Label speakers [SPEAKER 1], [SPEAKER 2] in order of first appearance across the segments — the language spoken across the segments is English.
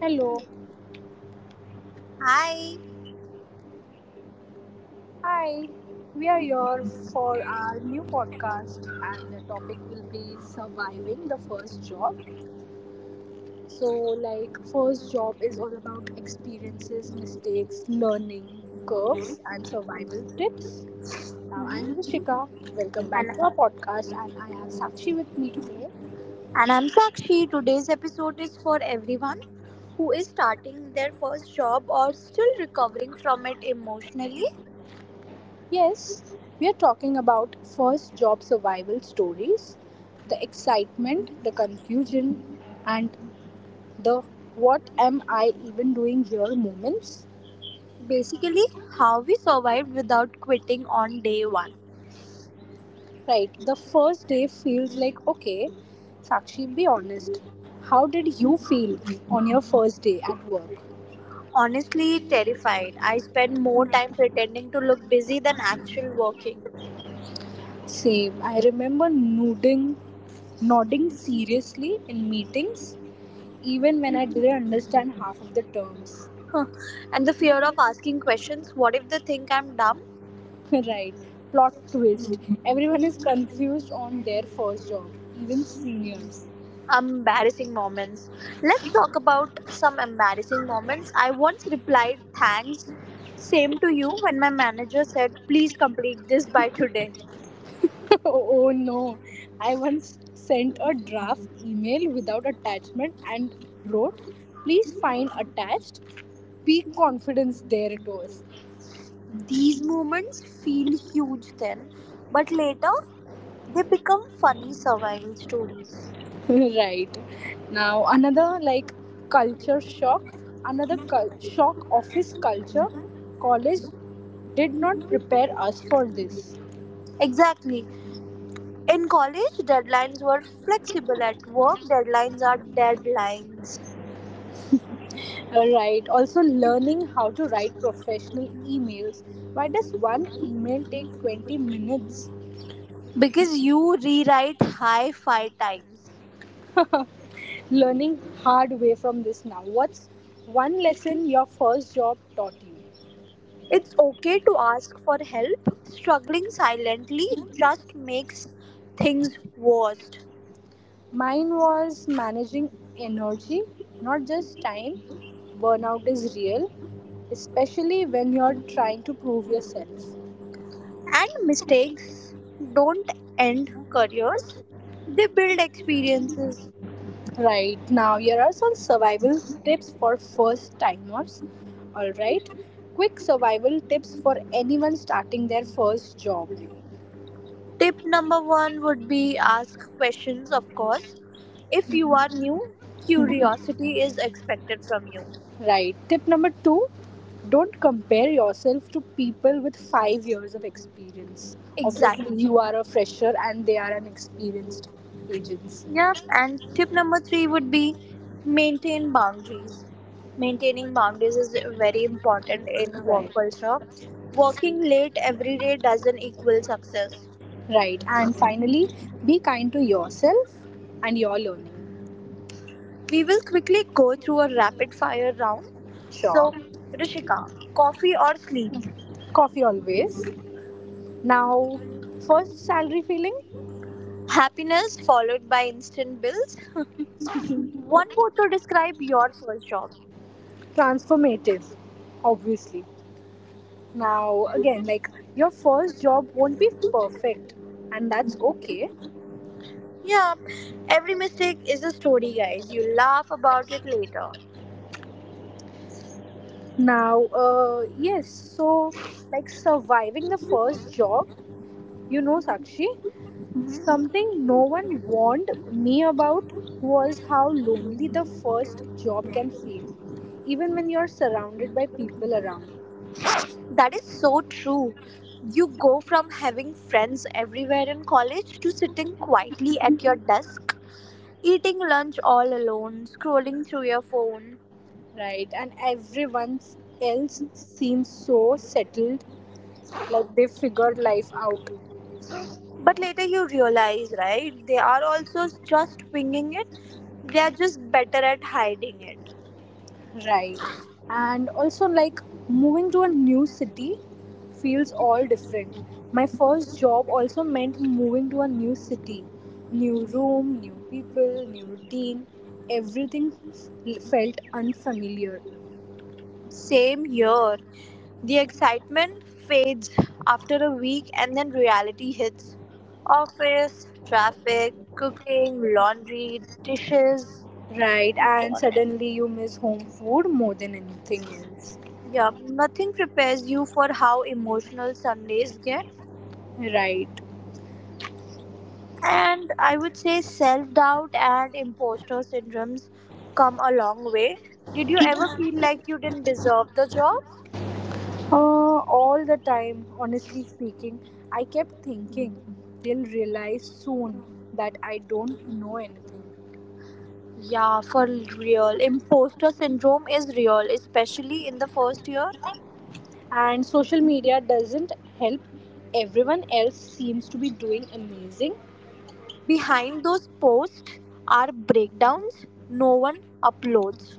[SPEAKER 1] Hello.
[SPEAKER 2] Hi,
[SPEAKER 1] Hi. We are here for our new podcast and the topic will be surviving the first job. So like first job is all about experiences, mistakes, learning, curves and survival tips. Now I'm Rishika. Welcome back to
[SPEAKER 2] and,
[SPEAKER 1] our podcast and I have Sakshi with me today.
[SPEAKER 2] and I'm Sakshi. Today's episode is for everyone who is starting their first job or still recovering from it emotionally.
[SPEAKER 1] Yes, we are talking about first job survival stories, the excitement, the confusion and The what am I even doing here moments.
[SPEAKER 2] Basically, how we survived without quitting on day one.
[SPEAKER 1] Right. The first day feels like, okay, Sakshi, be honest. How did you feel on your first day at work?
[SPEAKER 2] Honestly, terrified. I spent more time pretending to look busy than actual working.
[SPEAKER 1] Same. I remember nodding seriously in meetings, even when I didn't understand half of the terms.
[SPEAKER 2] And the fear of asking questions, what if they think I'm dumb?
[SPEAKER 1] right. Plot twist. Everyone is confused on their first job, even seniors.
[SPEAKER 2] Embarrassing moments. Let's talk about some embarrassing moments. I once replied, Thanks, same to you, when my manager said, Please complete this by today.
[SPEAKER 1] oh no. I once sent a draft email without attachment and wrote, please find attached. Peak confidence, there it was.
[SPEAKER 2] These moments feel huge then, but later they become funny survival stories.
[SPEAKER 1] right. Now, another like culture shock, another shock office culture. College did not prepare us for this.
[SPEAKER 2] Exactly. In college, deadlines were flexible. At work, deadlines are deadlines.
[SPEAKER 1] Right. Also, learning how to write professional emails. Why does one email take 20 minutes?
[SPEAKER 2] Because you rewrite high five times.
[SPEAKER 1] Learning hard way from this. Now what's one lesson your first job taught you?
[SPEAKER 2] It's okay to ask for help. Struggling silently just makes things worse.
[SPEAKER 1] Mine was managing energy, not just time. Burnout is real, especially when you're trying to prove yourself.
[SPEAKER 2] And mistakes don't end careers, they build experiences.
[SPEAKER 1] Right. Now here are some survival tips for first timers. All right, quick survival tips for anyone starting their first job.
[SPEAKER 2] Tip number one would be ask questions, of course. If you are new, curiosity is expected from you.
[SPEAKER 1] Right. Tip number two, don't compare yourself to people with 5 years of experience. Obviously,
[SPEAKER 2] Exactly.
[SPEAKER 1] you are a fresher and they are an experienced agents.
[SPEAKER 2] Yep, and tip number three would be maintain boundaries. Maintaining boundaries is very important in work
[SPEAKER 1] Right.
[SPEAKER 2] culture. Working late every day doesn't equal success.
[SPEAKER 1] Right. And finally, be kind to yourself and your learning.
[SPEAKER 2] We will quickly go through a rapid fire round.
[SPEAKER 1] Sure.
[SPEAKER 2] So, Rishika, coffee or sleep?
[SPEAKER 1] Coffee always. Now, first salary feeling?
[SPEAKER 2] Happiness followed by instant bills. One word to describe your first job.
[SPEAKER 1] Transformative, obviously. Now, again, like your first job won't be perfect, and that's okay.
[SPEAKER 2] Yeah, every mistake is a story, guys. You laugh about it later.
[SPEAKER 1] Now, yes, so like surviving the first job, you know, Sakshi, something no one warned me about was how lonely the first job can feel, even when you're surrounded by people around.
[SPEAKER 2] That is so true. You go from having friends everywhere in college to sitting quietly at your desk, eating lunch all alone, scrolling through your phone.
[SPEAKER 1] Right? And everyone else seems so settled, like they figured life out.
[SPEAKER 2] But later you realize, right? They are also just winging it. They are just better at hiding it.
[SPEAKER 1] Right. And also, like, moving to a new city feels all different. My first job also meant moving to a new city. New room, new people, new routine. Everything felt unfamiliar.
[SPEAKER 2] Same here. The excitement fades after a week and then reality hits. Office, traffic, cooking, laundry, dishes.
[SPEAKER 1] Right.
[SPEAKER 2] Oh
[SPEAKER 1] And
[SPEAKER 2] God.
[SPEAKER 1] suddenly you miss home food more than anything else.
[SPEAKER 2] Yeah, nothing prepares you for how emotional Sundays get.
[SPEAKER 1] Right.
[SPEAKER 2] And I would say self doubt and imposter syndromes come a long way. Did you ever feel like you didn't deserve the job?
[SPEAKER 1] All the time, honestly speaking, I kept thinking they'll realize soon that I don't know anything.
[SPEAKER 2] Yeah, for real. Imposter syndrome is real, especially in the first year.
[SPEAKER 1] And social media doesn't help. Everyone else seems to be doing amazing.
[SPEAKER 2] Behind those posts are breakdowns no one uploads.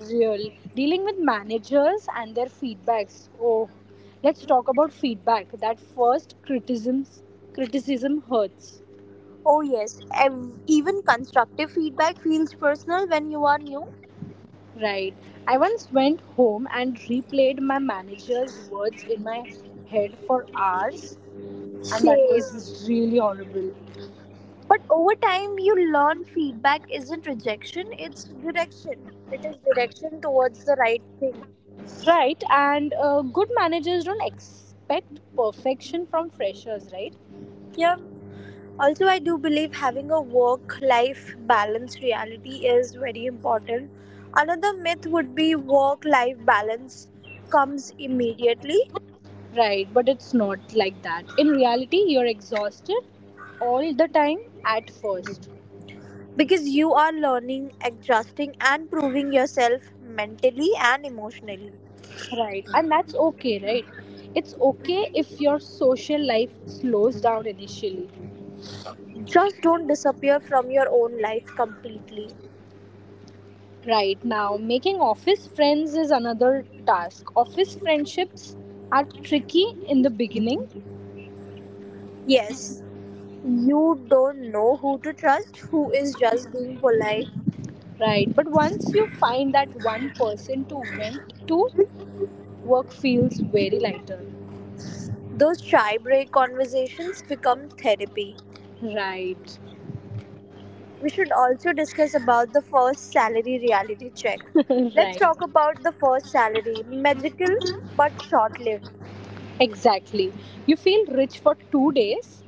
[SPEAKER 1] Real. Dealing with managers and their feedbacks. Oh, let's talk about feedback. That first criticism hurts.
[SPEAKER 2] Oh, yes, even constructive feedback feels personal when you are new.
[SPEAKER 1] Right. I once went home and replayed my manager's words in my head for hours. And that
[SPEAKER 2] Same.
[SPEAKER 1] was really horrible.
[SPEAKER 2] But over time, you learn feedback isn't rejection, it's direction. It is direction towards the right thing.
[SPEAKER 1] Right. And good managers don't expect perfection from freshers, right?
[SPEAKER 2] Yeah. Also, I do believe having a work life balance reality is very important. Another myth would be work life balance comes immediately
[SPEAKER 1] Right, but it's not like that. In reality, you're exhausted all the time at first.
[SPEAKER 2] because you are learning, adjusting, and proving yourself mentally and emotionally.
[SPEAKER 1] Right, and that's okay, right? It's okay if your social life slows down initially.
[SPEAKER 2] Just don't disappear from your own life completely.
[SPEAKER 1] Right now, making office friends is another task. Office friendships are tricky in the beginning,
[SPEAKER 2] Yes, you don't know who to trust, who is just being polite.
[SPEAKER 1] right? But once you find that one person to vent to, work feels very lighter.
[SPEAKER 2] Those shy break conversations become therapy.
[SPEAKER 1] Right,
[SPEAKER 2] We should also discuss about the first salary reality check. Let's
[SPEAKER 1] right.
[SPEAKER 2] talk about the first salary, magical but short-lived.
[SPEAKER 1] Exactly. You feel rich for 2 days,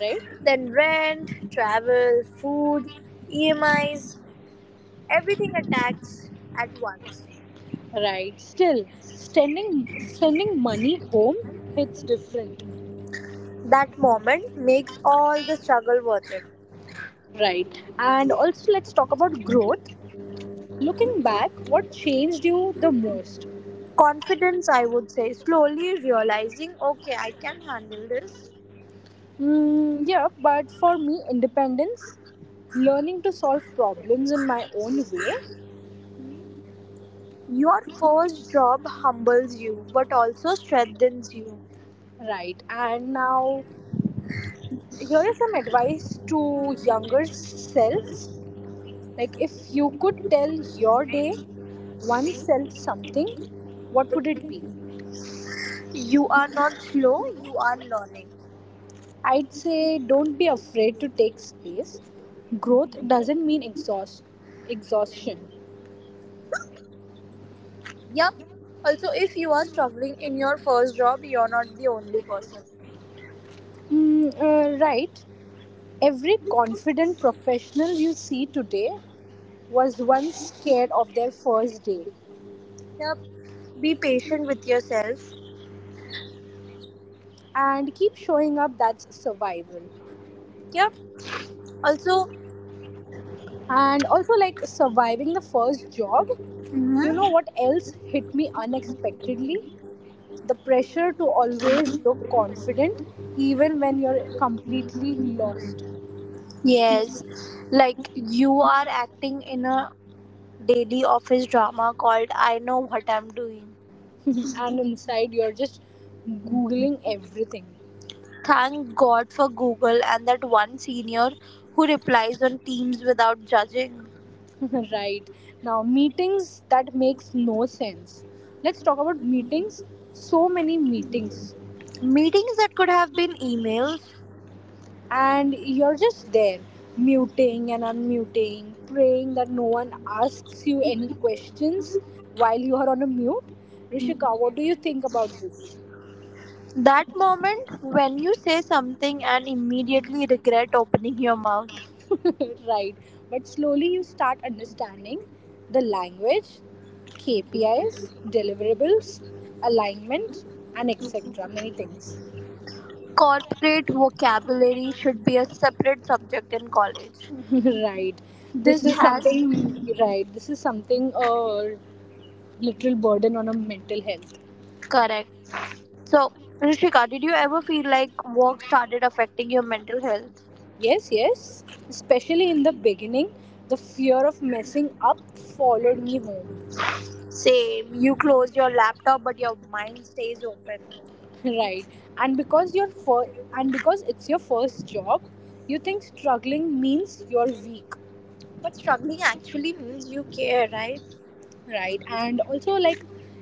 [SPEAKER 1] right?
[SPEAKER 2] Then rent, travel, food, EMIs, everything attacks at once.
[SPEAKER 1] Right. Still, sending money home hits different,
[SPEAKER 2] That moment makes all the struggle worth it.
[SPEAKER 1] right? And also, let's talk about growth. Looking back, what changed you the most?
[SPEAKER 2] Confidence, I would say, slowly realizing okay I can handle this.
[SPEAKER 1] Mm, yeah, but for me, independence, learning to solve problems in my own way.
[SPEAKER 2] Your first job humbles you but also strengthens you.
[SPEAKER 1] Right? And now, here is some advice to younger selves. Like, if you could tell your day oneself something, what would it be?
[SPEAKER 2] You are not slow, you are learning.
[SPEAKER 1] I'd say don't be afraid to take space. Growth doesn't mean exhaustion.
[SPEAKER 2] Yep, also if you are struggling in your first job, you're not the only person.
[SPEAKER 1] Right. Every confident professional you see today was once scared of their first day.
[SPEAKER 2] Yep. Be patient with yourself.
[SPEAKER 1] And keep showing up, that's survival.
[SPEAKER 2] Yep. Also,
[SPEAKER 1] And also, like surviving the first job, you know
[SPEAKER 2] Mhm.
[SPEAKER 1] what else hit me unexpectedly? The pressure to always look confident, even when you're completely lost.
[SPEAKER 2] Yes, like you are acting in a daily office drama called I Know What I'm Doing.
[SPEAKER 1] And inside you're just googling everything.
[SPEAKER 2] Thank God for Google and that one senior who replies on Teams without judging.
[SPEAKER 1] right. Now, meetings that makes no sense. Let's talk about meetings. So many meetings,
[SPEAKER 2] Meetings that could have been
[SPEAKER 1] and you're just there muting and unmuting, praying that no one asks
[SPEAKER 2] emails.
[SPEAKER 1] you any questions while you are on a mute. Rishika, what do you think about this?
[SPEAKER 2] That moment when you say something and immediately regret opening your mouth.
[SPEAKER 1] right. But slowly you start understanding the language, KPIs, deliverables, alignment, and etc, many things.
[SPEAKER 2] Corporate vocabulary should be a separate subject in college.
[SPEAKER 1] right. this
[SPEAKER 2] This
[SPEAKER 1] is something
[SPEAKER 2] has
[SPEAKER 1] Right, this is something a literal burden on a mental health.
[SPEAKER 2] Correct. So, Rishika, did you ever feel like work started affecting your mental health?
[SPEAKER 1] Yes, yes, especially in the beginning, the fear of messing up followed me home.
[SPEAKER 2] Same. You close your laptop, but your mind stays open.
[SPEAKER 1] right. And because you're first, and because it's your first job, you think struggling means you're weak.
[SPEAKER 2] But struggling actually means you care, right?
[SPEAKER 1] Right. And also, like,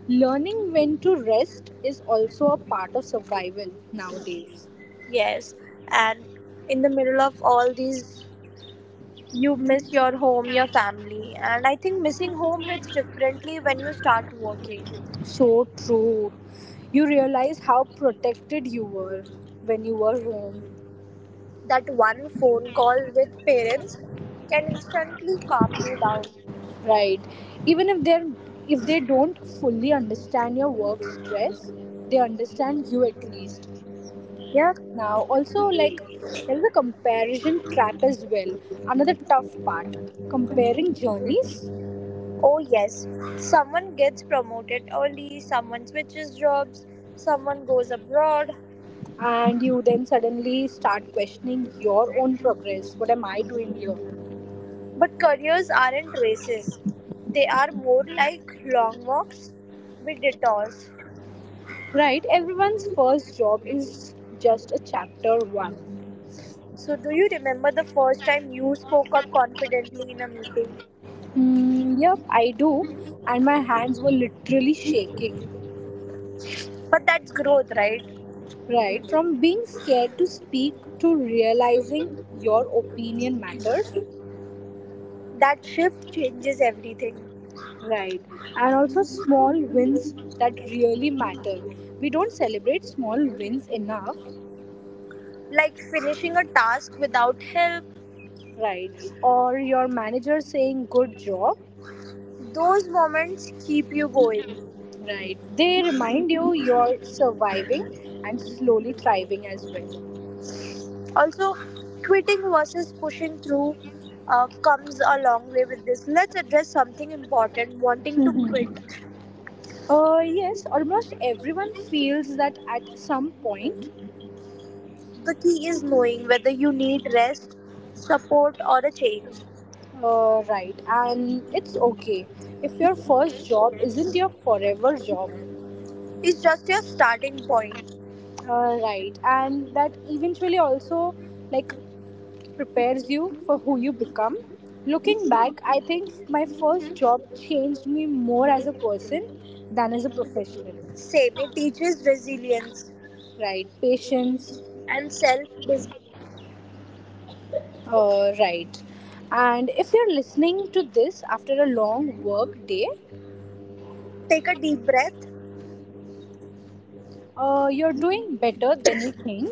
[SPEAKER 1] learning when to rest is also a part of survival nowadays.
[SPEAKER 2] Yes. And in the middle of all these, you miss your home, your family, and I think missing home hits differently when you start working.
[SPEAKER 1] So true. You realize how protected you were when you were home.
[SPEAKER 2] That one phone call with parents can instantly calm you down.
[SPEAKER 1] Right, even if they don't fully understand your work stress, they understand you at least.
[SPEAKER 2] Yeah.
[SPEAKER 1] Now also, like, there is a comparison trap as well. Another tough part, comparing journeys.
[SPEAKER 2] Oh yes, someone gets promoted early, someone switches jobs, someone goes abroad.
[SPEAKER 1] And you then suddenly start questioning your own progress. What am I doing here?
[SPEAKER 2] But careers aren't races, they are more like long walks with detours.
[SPEAKER 1] Right, everyone's first job is just a chapter one.
[SPEAKER 2] So, do you remember the first time you spoke up confidently in a meeting?
[SPEAKER 1] Hmm. Yep, I do. And my hands were literally shaking.
[SPEAKER 2] But that's growth, right?
[SPEAKER 1] Right, from being scared to speak to realizing your opinion matters.
[SPEAKER 2] That shift changes everything.
[SPEAKER 1] Right, and also small wins that really matter. We don't celebrate small wins enough.
[SPEAKER 2] Like finishing a task without help,
[SPEAKER 1] Right, or your manager saying good job.
[SPEAKER 2] those moments keep you going.
[SPEAKER 1] Right. They remind you you're surviving and slowly thriving as well.
[SPEAKER 2] Also, quitting versus pushing through comes a long way with this. Let's address something important, wanting to
[SPEAKER 1] Mhm.
[SPEAKER 2] quit.
[SPEAKER 1] Yes, almost everyone feels that at some point.
[SPEAKER 2] The key is knowing whether you need rest, support, or a change.
[SPEAKER 1] Right? And it's okay if your first job isn't your forever job.
[SPEAKER 2] It's just your starting point.
[SPEAKER 1] Right? And that eventually also, like, prepares you for who you become. Looking back, I think my first job changed me more as a person than as a professional,
[SPEAKER 2] Same, it teaches resilience
[SPEAKER 1] right? Patience.
[SPEAKER 2] and self discipline.
[SPEAKER 1] Right. And if you're listening to this after a long work day,
[SPEAKER 2] Take a deep breath,
[SPEAKER 1] you're doing better than you think.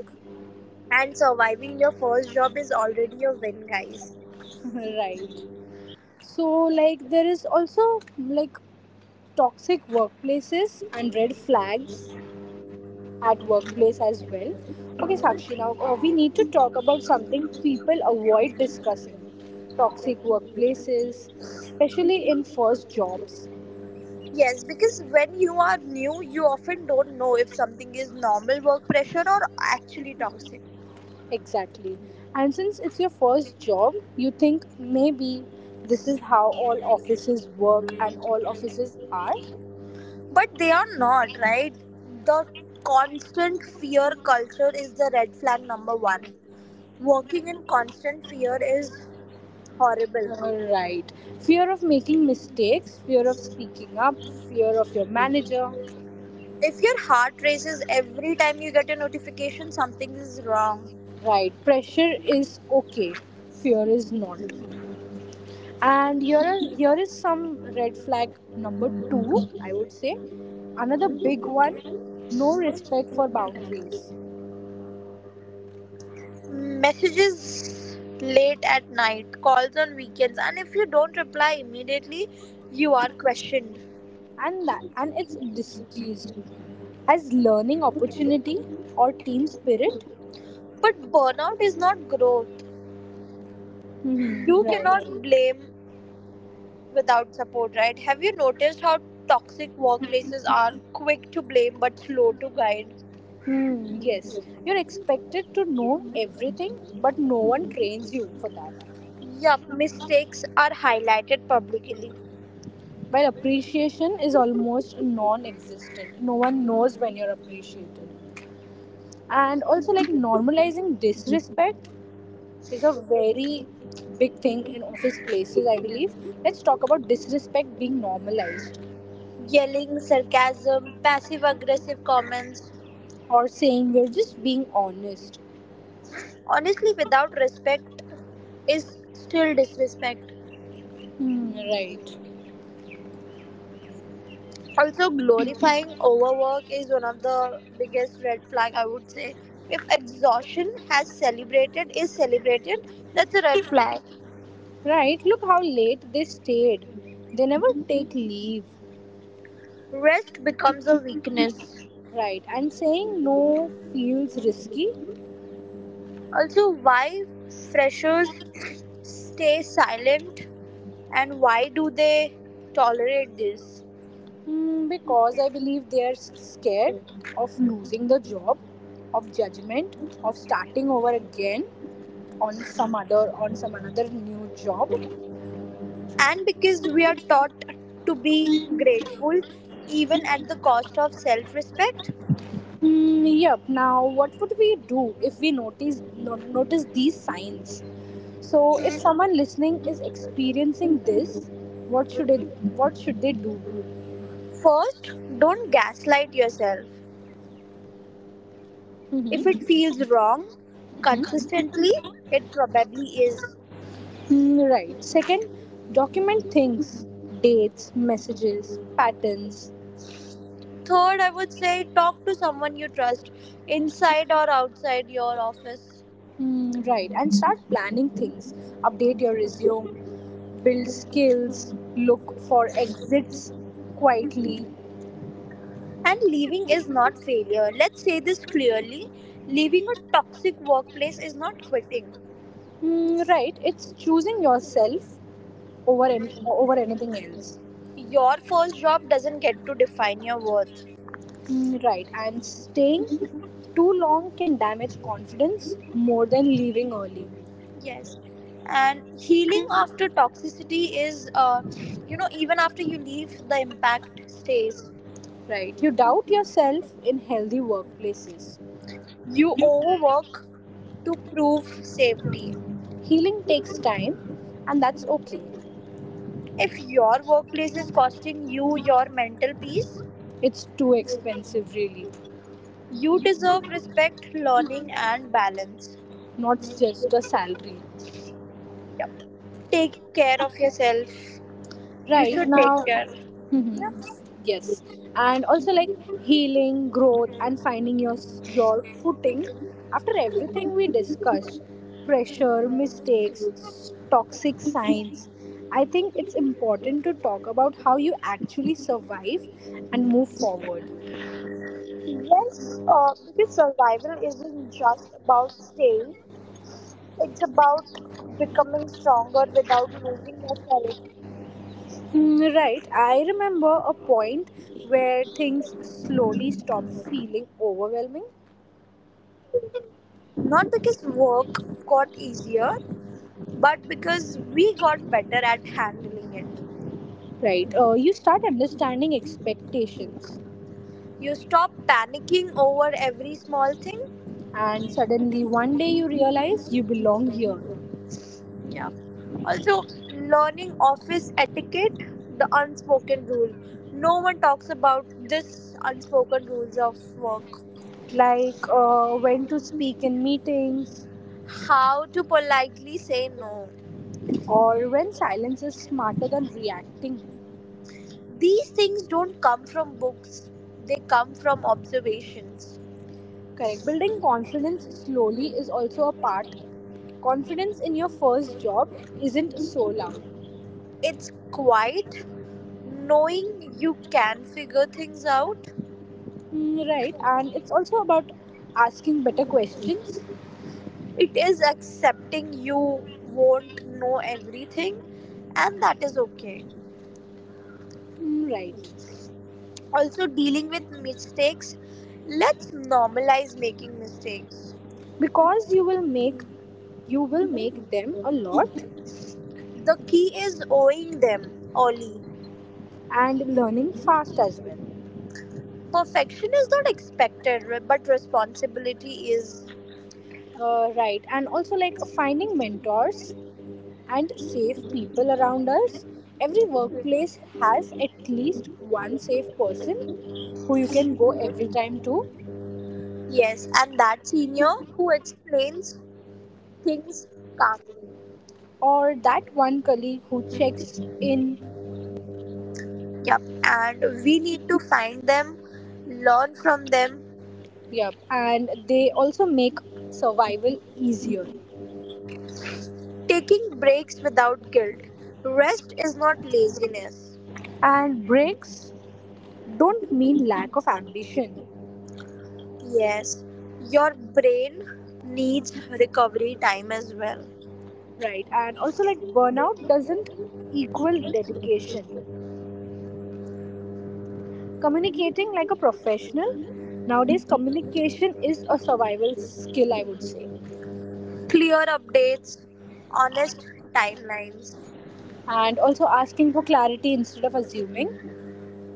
[SPEAKER 2] and surviving your first job is already a win, guys.
[SPEAKER 1] right. So, like, there is also like toxic workplaces and red flags at workplace as well. Okay, Sakshi, now we need to talk about something people avoid discussing, toxic workplaces, especially in first jobs.
[SPEAKER 2] Yes, because when you are new, you often don't know if something is normal work pressure or actually toxic.
[SPEAKER 1] Exactly. And since it's your first job, you think maybe this is how all offices work and all offices are.
[SPEAKER 2] But they are not, right? The constant fear culture is the red flag number one. Working in constant fear is horrible.
[SPEAKER 1] Right. Fear of making mistakes, fear of speaking up, fear of your manager.
[SPEAKER 2] If your heart races every time you get a notification, something is wrong.
[SPEAKER 1] Right. Pressure is okay. Fear is not. And here is some red flag number 2, I would say. Another big one, no respect for boundaries.
[SPEAKER 2] Messages late at night, calls on weekends, and if you don't reply immediately, you are questioned.
[SPEAKER 1] And it's diseased. As learning opportunity or team spirit.
[SPEAKER 2] But burnout is not growth.
[SPEAKER 1] Hmm.
[SPEAKER 2] You
[SPEAKER 1] Right.
[SPEAKER 2] cannot blame without support, right? Have you noticed how toxic workplaces are quick to blame but slow to guide?
[SPEAKER 1] Hmm, yes, you're expected to know everything, but no one trains you for that.
[SPEAKER 2] Yup, mistakes are highlighted publicly.
[SPEAKER 1] While appreciation is almost non-existent, no one knows when you're appreciated. And also, like, normalizing disrespect is a very big thing in office places, I believe. Let's talk about disrespect being normalized.
[SPEAKER 2] Yelling, sarcasm, passive aggressive comments,
[SPEAKER 1] Or saying we're just being honest.
[SPEAKER 2] honestly, without respect, is still disrespect.
[SPEAKER 1] Hmm, right.
[SPEAKER 2] Also, glorifying overwork is one of the biggest red flag, I would say. If exhaustion has celebrated is celebrated, that's a red flag.
[SPEAKER 1] Right, look how late they stayed. They never take leave.
[SPEAKER 2] Rest becomes a weakness.
[SPEAKER 1] Right, and saying no feels risky.
[SPEAKER 2] Also, why freshers stay silent, and why do they tolerate this?
[SPEAKER 1] Because I believe they are scared of losing the job, of judgment, of starting over again on some other on some another new job.
[SPEAKER 2] And because we are taught to be grateful even at the cost of self respect.
[SPEAKER 1] Mm, yep. Now, what would we do if we notice these signs? So, if someone listening is experiencing this, what should it what should they do?
[SPEAKER 2] First, don't gaslight yourself. If
[SPEAKER 1] Mm-hmm.
[SPEAKER 2] it feels wrong
[SPEAKER 1] Mm-hmm.
[SPEAKER 2] consistently, it probably is.
[SPEAKER 1] Hmm, right. Second, document things: dates, messages, patterns.
[SPEAKER 2] Third, I would say talk to someone you trust, inside or outside your office.
[SPEAKER 1] Hmm, right. And start planning things. Update your resume, build skills, look for exits quietly.
[SPEAKER 2] And leaving is not failure. Let's say this clearly. Leaving a toxic workplace is not quitting.
[SPEAKER 1] Hmm, right. It's choosing yourself over anything else.
[SPEAKER 2] Your first job doesn't get to define your worth.
[SPEAKER 1] Hmm, right. And staying too long can damage confidence more than leaving early.
[SPEAKER 2] Yes. And healing after toxicity is, even after you leave, the impact stays.
[SPEAKER 1] Right. You doubt yourself in healthy workplaces.
[SPEAKER 2] You overwork to prove safety.
[SPEAKER 1] Healing takes time, and that's okay.
[SPEAKER 2] If your workplace is costing you your mental peace,
[SPEAKER 1] It's too expensive, really.
[SPEAKER 2] you deserve respect, learning, and balance.
[SPEAKER 1] Not just a salary.
[SPEAKER 2] Yep. Take care of yourself. You
[SPEAKER 1] Right
[SPEAKER 2] should take
[SPEAKER 1] now,
[SPEAKER 2] care.
[SPEAKER 1] mhm. Yes. And also, like, healing, growth, and finding your footing after everything we discussed: pressure, mistakes,
[SPEAKER 2] Yep.
[SPEAKER 1] toxic signs. I think it's important to talk about how you actually survive and move forward.
[SPEAKER 2] Yes, because survival isn't just about staying, it's about becoming stronger without losing yourself.
[SPEAKER 1] Mm. Right. I remember a point where things slowly stop feeling overwhelming.
[SPEAKER 2] Not because work got easier, but because we got better at handling it.
[SPEAKER 1] Right. You start understanding expectations,
[SPEAKER 2] You stop panicking over every small thing.
[SPEAKER 1] and suddenly one day you realize you belong here.
[SPEAKER 2] Yeah. Also, learning office etiquette, the unspoken rule. No one talks about this unspoken rules of work.
[SPEAKER 1] Like, when to speak in meetings,
[SPEAKER 2] How to politely say no.
[SPEAKER 1] or when silence is smarter than reacting.
[SPEAKER 2] These things don't come from books. They come from observations.
[SPEAKER 1] Correct. Building confidence slowly is also a part. Confidence in your first job isn't so loud.
[SPEAKER 2] It's quite knowing you can figure things out.
[SPEAKER 1] Mm, right, and it's also about asking better questions.
[SPEAKER 2] It is accepting you won't know everything, and that is okay.
[SPEAKER 1] Mm, right,
[SPEAKER 2] Also, dealing with mistakes. Let's normalize making mistakes.
[SPEAKER 1] because you will make them a lot
[SPEAKER 2] The key is owing them, Ollie.
[SPEAKER 1] and learning fast as well.
[SPEAKER 2] Perfection is not expected, but responsibility is.
[SPEAKER 1] Right, and also, like, finding mentors and safe people around us. Every workplace has at least one safe person who you can go every time to,
[SPEAKER 2] Yes, and that senior who explains things calmly.
[SPEAKER 1] or that one colleague who checks in.
[SPEAKER 2] Yep, and we need to find them, learn from them.
[SPEAKER 1] Yep, and they also make survival easier.
[SPEAKER 2] Taking breaks without guilt. Rest is not laziness.
[SPEAKER 1] And breaks don't mean lack of ambition.
[SPEAKER 2] Yes, your brain needs recovery time as well.
[SPEAKER 1] Right. And also, like, burnout doesn't equal dedication. Communicating like a professional. Nowadays communication is a survival skill, I would say.
[SPEAKER 2] Clear updates, honest timelines.
[SPEAKER 1] And also asking for clarity instead of assuming.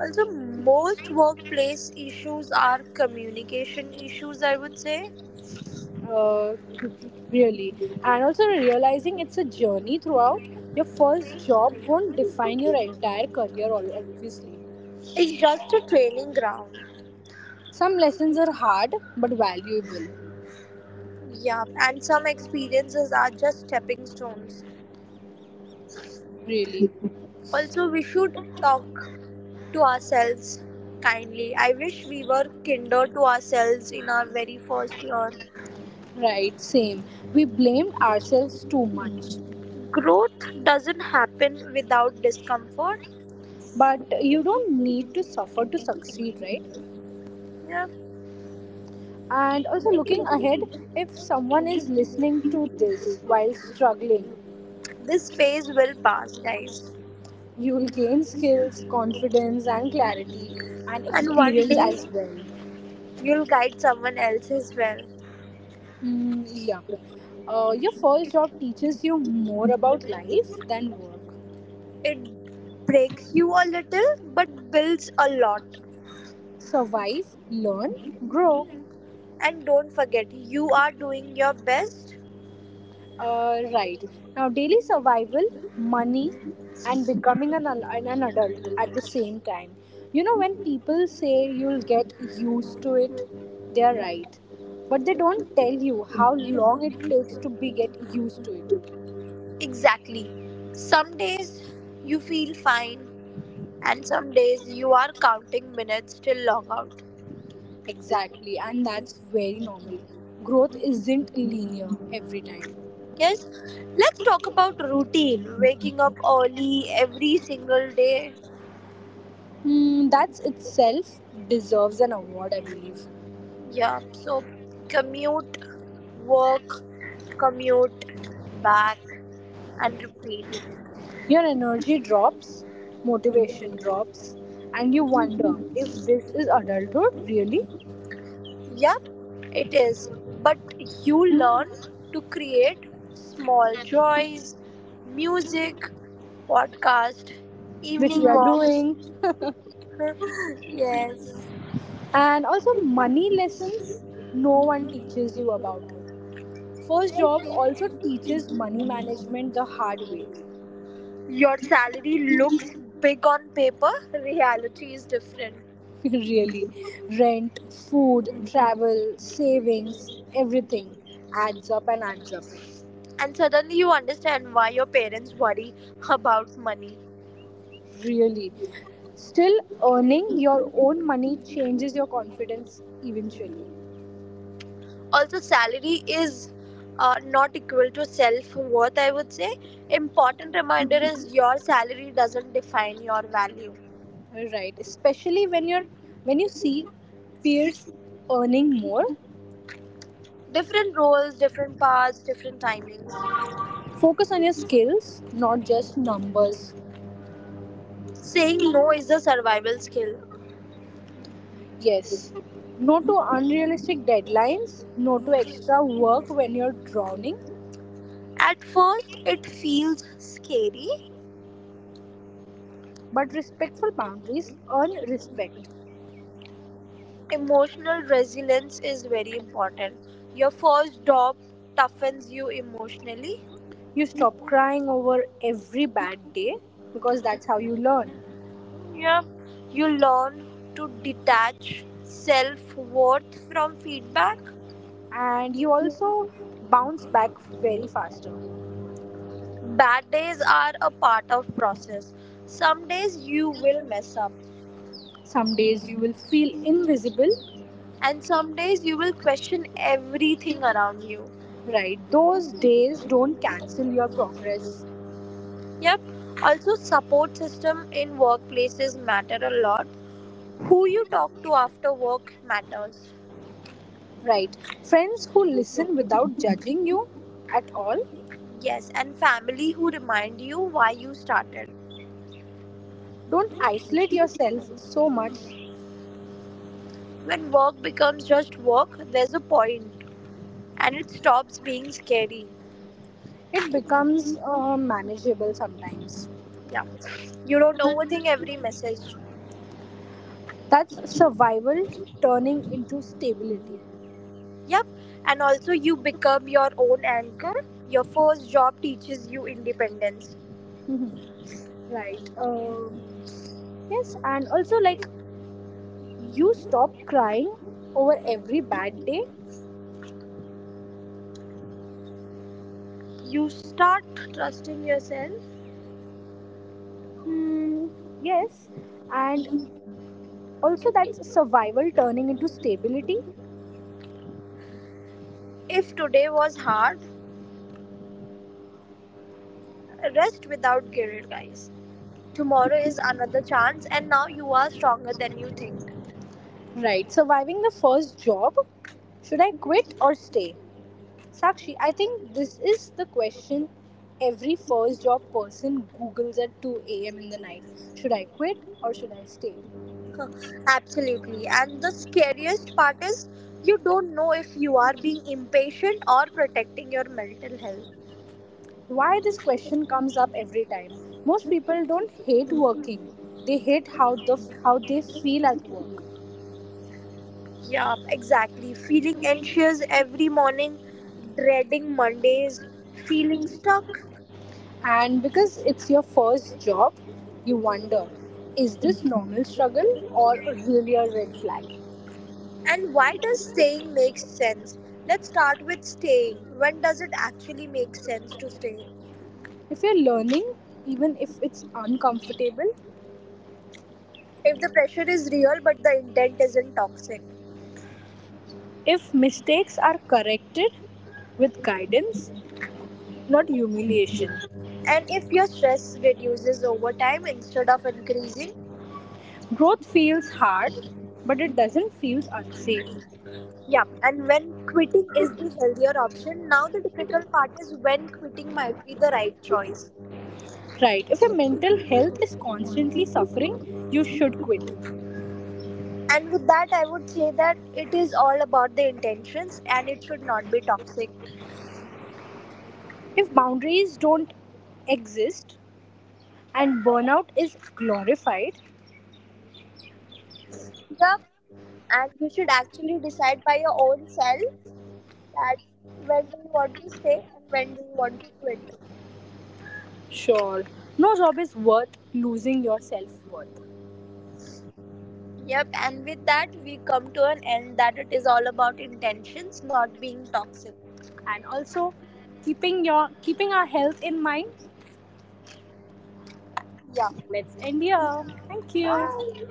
[SPEAKER 2] Also, most workplace issues are communication issues, I would say.
[SPEAKER 1] uh, Really. And also realizing it's a journey throughout. Your first job won't define your entire career, obviously.
[SPEAKER 2] It's just a training ground.
[SPEAKER 1] Some lessons are hard but valuable,
[SPEAKER 2] Yeah, and some experiences are just stepping stones.
[SPEAKER 1] really.
[SPEAKER 2] Also, we should talk to ourselves kindly. I wish we were kinder to ourselves in our very first year.
[SPEAKER 1] Right, same. We blamed ourselves too much.
[SPEAKER 2] Growth doesn't happen without discomfort.
[SPEAKER 1] But you don't need to suffer to succeed, right?
[SPEAKER 2] Yeah.
[SPEAKER 1] And also, looking ahead, if someone is listening to this while struggling,
[SPEAKER 2] This phase will pass, guys.
[SPEAKER 1] you will gain skills, confidence, and clarity and
[SPEAKER 2] And one
[SPEAKER 1] experience as
[SPEAKER 2] day
[SPEAKER 1] well.
[SPEAKER 2] you'll guide someone else as well.
[SPEAKER 1] Mm, yeah. Your first job teaches you more about life than work.
[SPEAKER 2] It breaks you a little but builds a lot.
[SPEAKER 1] Survive, learn, grow.
[SPEAKER 2] And don't forget, you are doing your best.
[SPEAKER 1] Right. Now, daily survival, money, and becoming an, al- an adult at the same time. You know, when people say you'll get used to it, they're right. But they don't tell you how long it takes to be get used to it.
[SPEAKER 2] Exactly. Some days you feel fine, and some days you are counting minutes till logout.
[SPEAKER 1] Exactly. And that's very normal. Growth isn't linear every time.
[SPEAKER 2] Yes, let's talk about routine. Waking up early every single day.
[SPEAKER 1] Hmm, that's itself deserves an award, I believe.
[SPEAKER 2] Yeah, so commute, work, commute, back, and repeat.
[SPEAKER 1] Your energy drops, motivation
[SPEAKER 2] Mhm.
[SPEAKER 1] drops, and you wonder if this is adulthood really,
[SPEAKER 2] Yeah, it is, but you learn to create small joys, music, podcast,
[SPEAKER 1] which we
[SPEAKER 2] evening
[SPEAKER 1] are
[SPEAKER 2] walks.
[SPEAKER 1] doing.
[SPEAKER 2] Yes.
[SPEAKER 1] And also, money lessons no one teaches you about. First job also teaches money management the hard way.
[SPEAKER 2] Your salary looks big on paper, reality is different.
[SPEAKER 1] really. Rent, food, travel, savings, everything adds up and adds up.
[SPEAKER 2] And suddenly you understand why your parents worry about money.
[SPEAKER 1] Really. Still, earning your own money changes your confidence eventually.
[SPEAKER 2] Also, salary is, not equal to self worth, I would say. Important reminder is your salary doesn't define your value.
[SPEAKER 1] Right, especially when you see peers earning more,
[SPEAKER 2] Different roles, different paths, different timings.
[SPEAKER 1] focus on your skills, not just numbers.
[SPEAKER 2] Saying no is a survival skill.
[SPEAKER 1] Yes. No to unrealistic deadlines, no to extra work when you're drowning,
[SPEAKER 2] At first it feels scary.
[SPEAKER 1] but respectful boundaries earn respect.
[SPEAKER 2] Emotional resilience is very important. Your first job toughens you emotionally.
[SPEAKER 1] You stop crying over every bad day because that's how you learn.
[SPEAKER 2] Yeah, you learn to detach self worth from feedback.
[SPEAKER 1] And you also bounce back very faster.
[SPEAKER 2] Bad days are a part of process. Some days you will mess up,
[SPEAKER 1] Some days you will feel invisible.
[SPEAKER 2] and some days you will question everything around you.
[SPEAKER 1] Right, those days don't cancel your progress.
[SPEAKER 2] Yep. Also, support system in workplaces matter a lot. Who you talk to after work matters.
[SPEAKER 1] Right, friends who listen without judging you at all,
[SPEAKER 2] Yes, and family who remind you why you started.
[SPEAKER 1] don't isolate yourself so much.
[SPEAKER 2] When work becomes just work, there's a point and it stops being scary.
[SPEAKER 1] It becomes manageable sometimes.
[SPEAKER 2] Yeah. You don't overthink every message.
[SPEAKER 1] That's survival turning into stability.
[SPEAKER 2] Yep, and also you become your own anchor. Your first job teaches you independence.
[SPEAKER 1] Mhm. Right. Yes, and also, like, you stop crying over every bad day.
[SPEAKER 2] You start trusting yourself.
[SPEAKER 1] Hmm. Yes, and also that's survival turning into stability.
[SPEAKER 2] If today was hard, rest without guilt, guys. Tomorrow is another chance, and now you are stronger than you think.
[SPEAKER 1] Right, surviving the first job. Should I quit or stay? Sakshi, I think this is the question every first job person Googles at 2 a.m. in the night. Should I quit or should I stay?
[SPEAKER 2] Huh, absolutely. And the scariest part is you don't know if you are being impatient or protecting your mental health.
[SPEAKER 1] Why this question comes up every time? Most people don't hate working. They hate how they feel at work.
[SPEAKER 2] Yeah, exactly. Feeling anxious every morning, dreading Mondays, feeling stuck.
[SPEAKER 1] And because it's your first job, you wonder, is this normal struggle or really a red flag?
[SPEAKER 2] And why does staying make sense? Let's start with staying. When does it actually make sense to stay?
[SPEAKER 1] If you're learning, even if it's uncomfortable,
[SPEAKER 2] If the pressure is real but the intent isn't toxic.
[SPEAKER 1] if mistakes are corrected with guidance, not humiliation,
[SPEAKER 2] And if your stress reduces over time instead of increasing.
[SPEAKER 1] growth feels hard, but it doesn't feel unsafe.
[SPEAKER 2] Yeah, and when quitting is the healthier option, now the difficult part is when quitting might be the right choice.
[SPEAKER 1] Right. If your mental health is constantly suffering, you should quit.
[SPEAKER 2] And with that, I would say that it is all about the intentions and it should not be toxic.
[SPEAKER 1] If boundaries don't exist and burnout is glorified,
[SPEAKER 2] Yeah, and you should actually decide by your own self that when do you want to stay and when do you want to quit.
[SPEAKER 1] sure, no job is worth losing your self worth.
[SPEAKER 2] Yep, and with that, we come to an end that it is all about intentions, not being toxic.
[SPEAKER 1] And also, keeping our health in mind.
[SPEAKER 2] Yeah,
[SPEAKER 1] Let's end here. Thank you.
[SPEAKER 2] bye.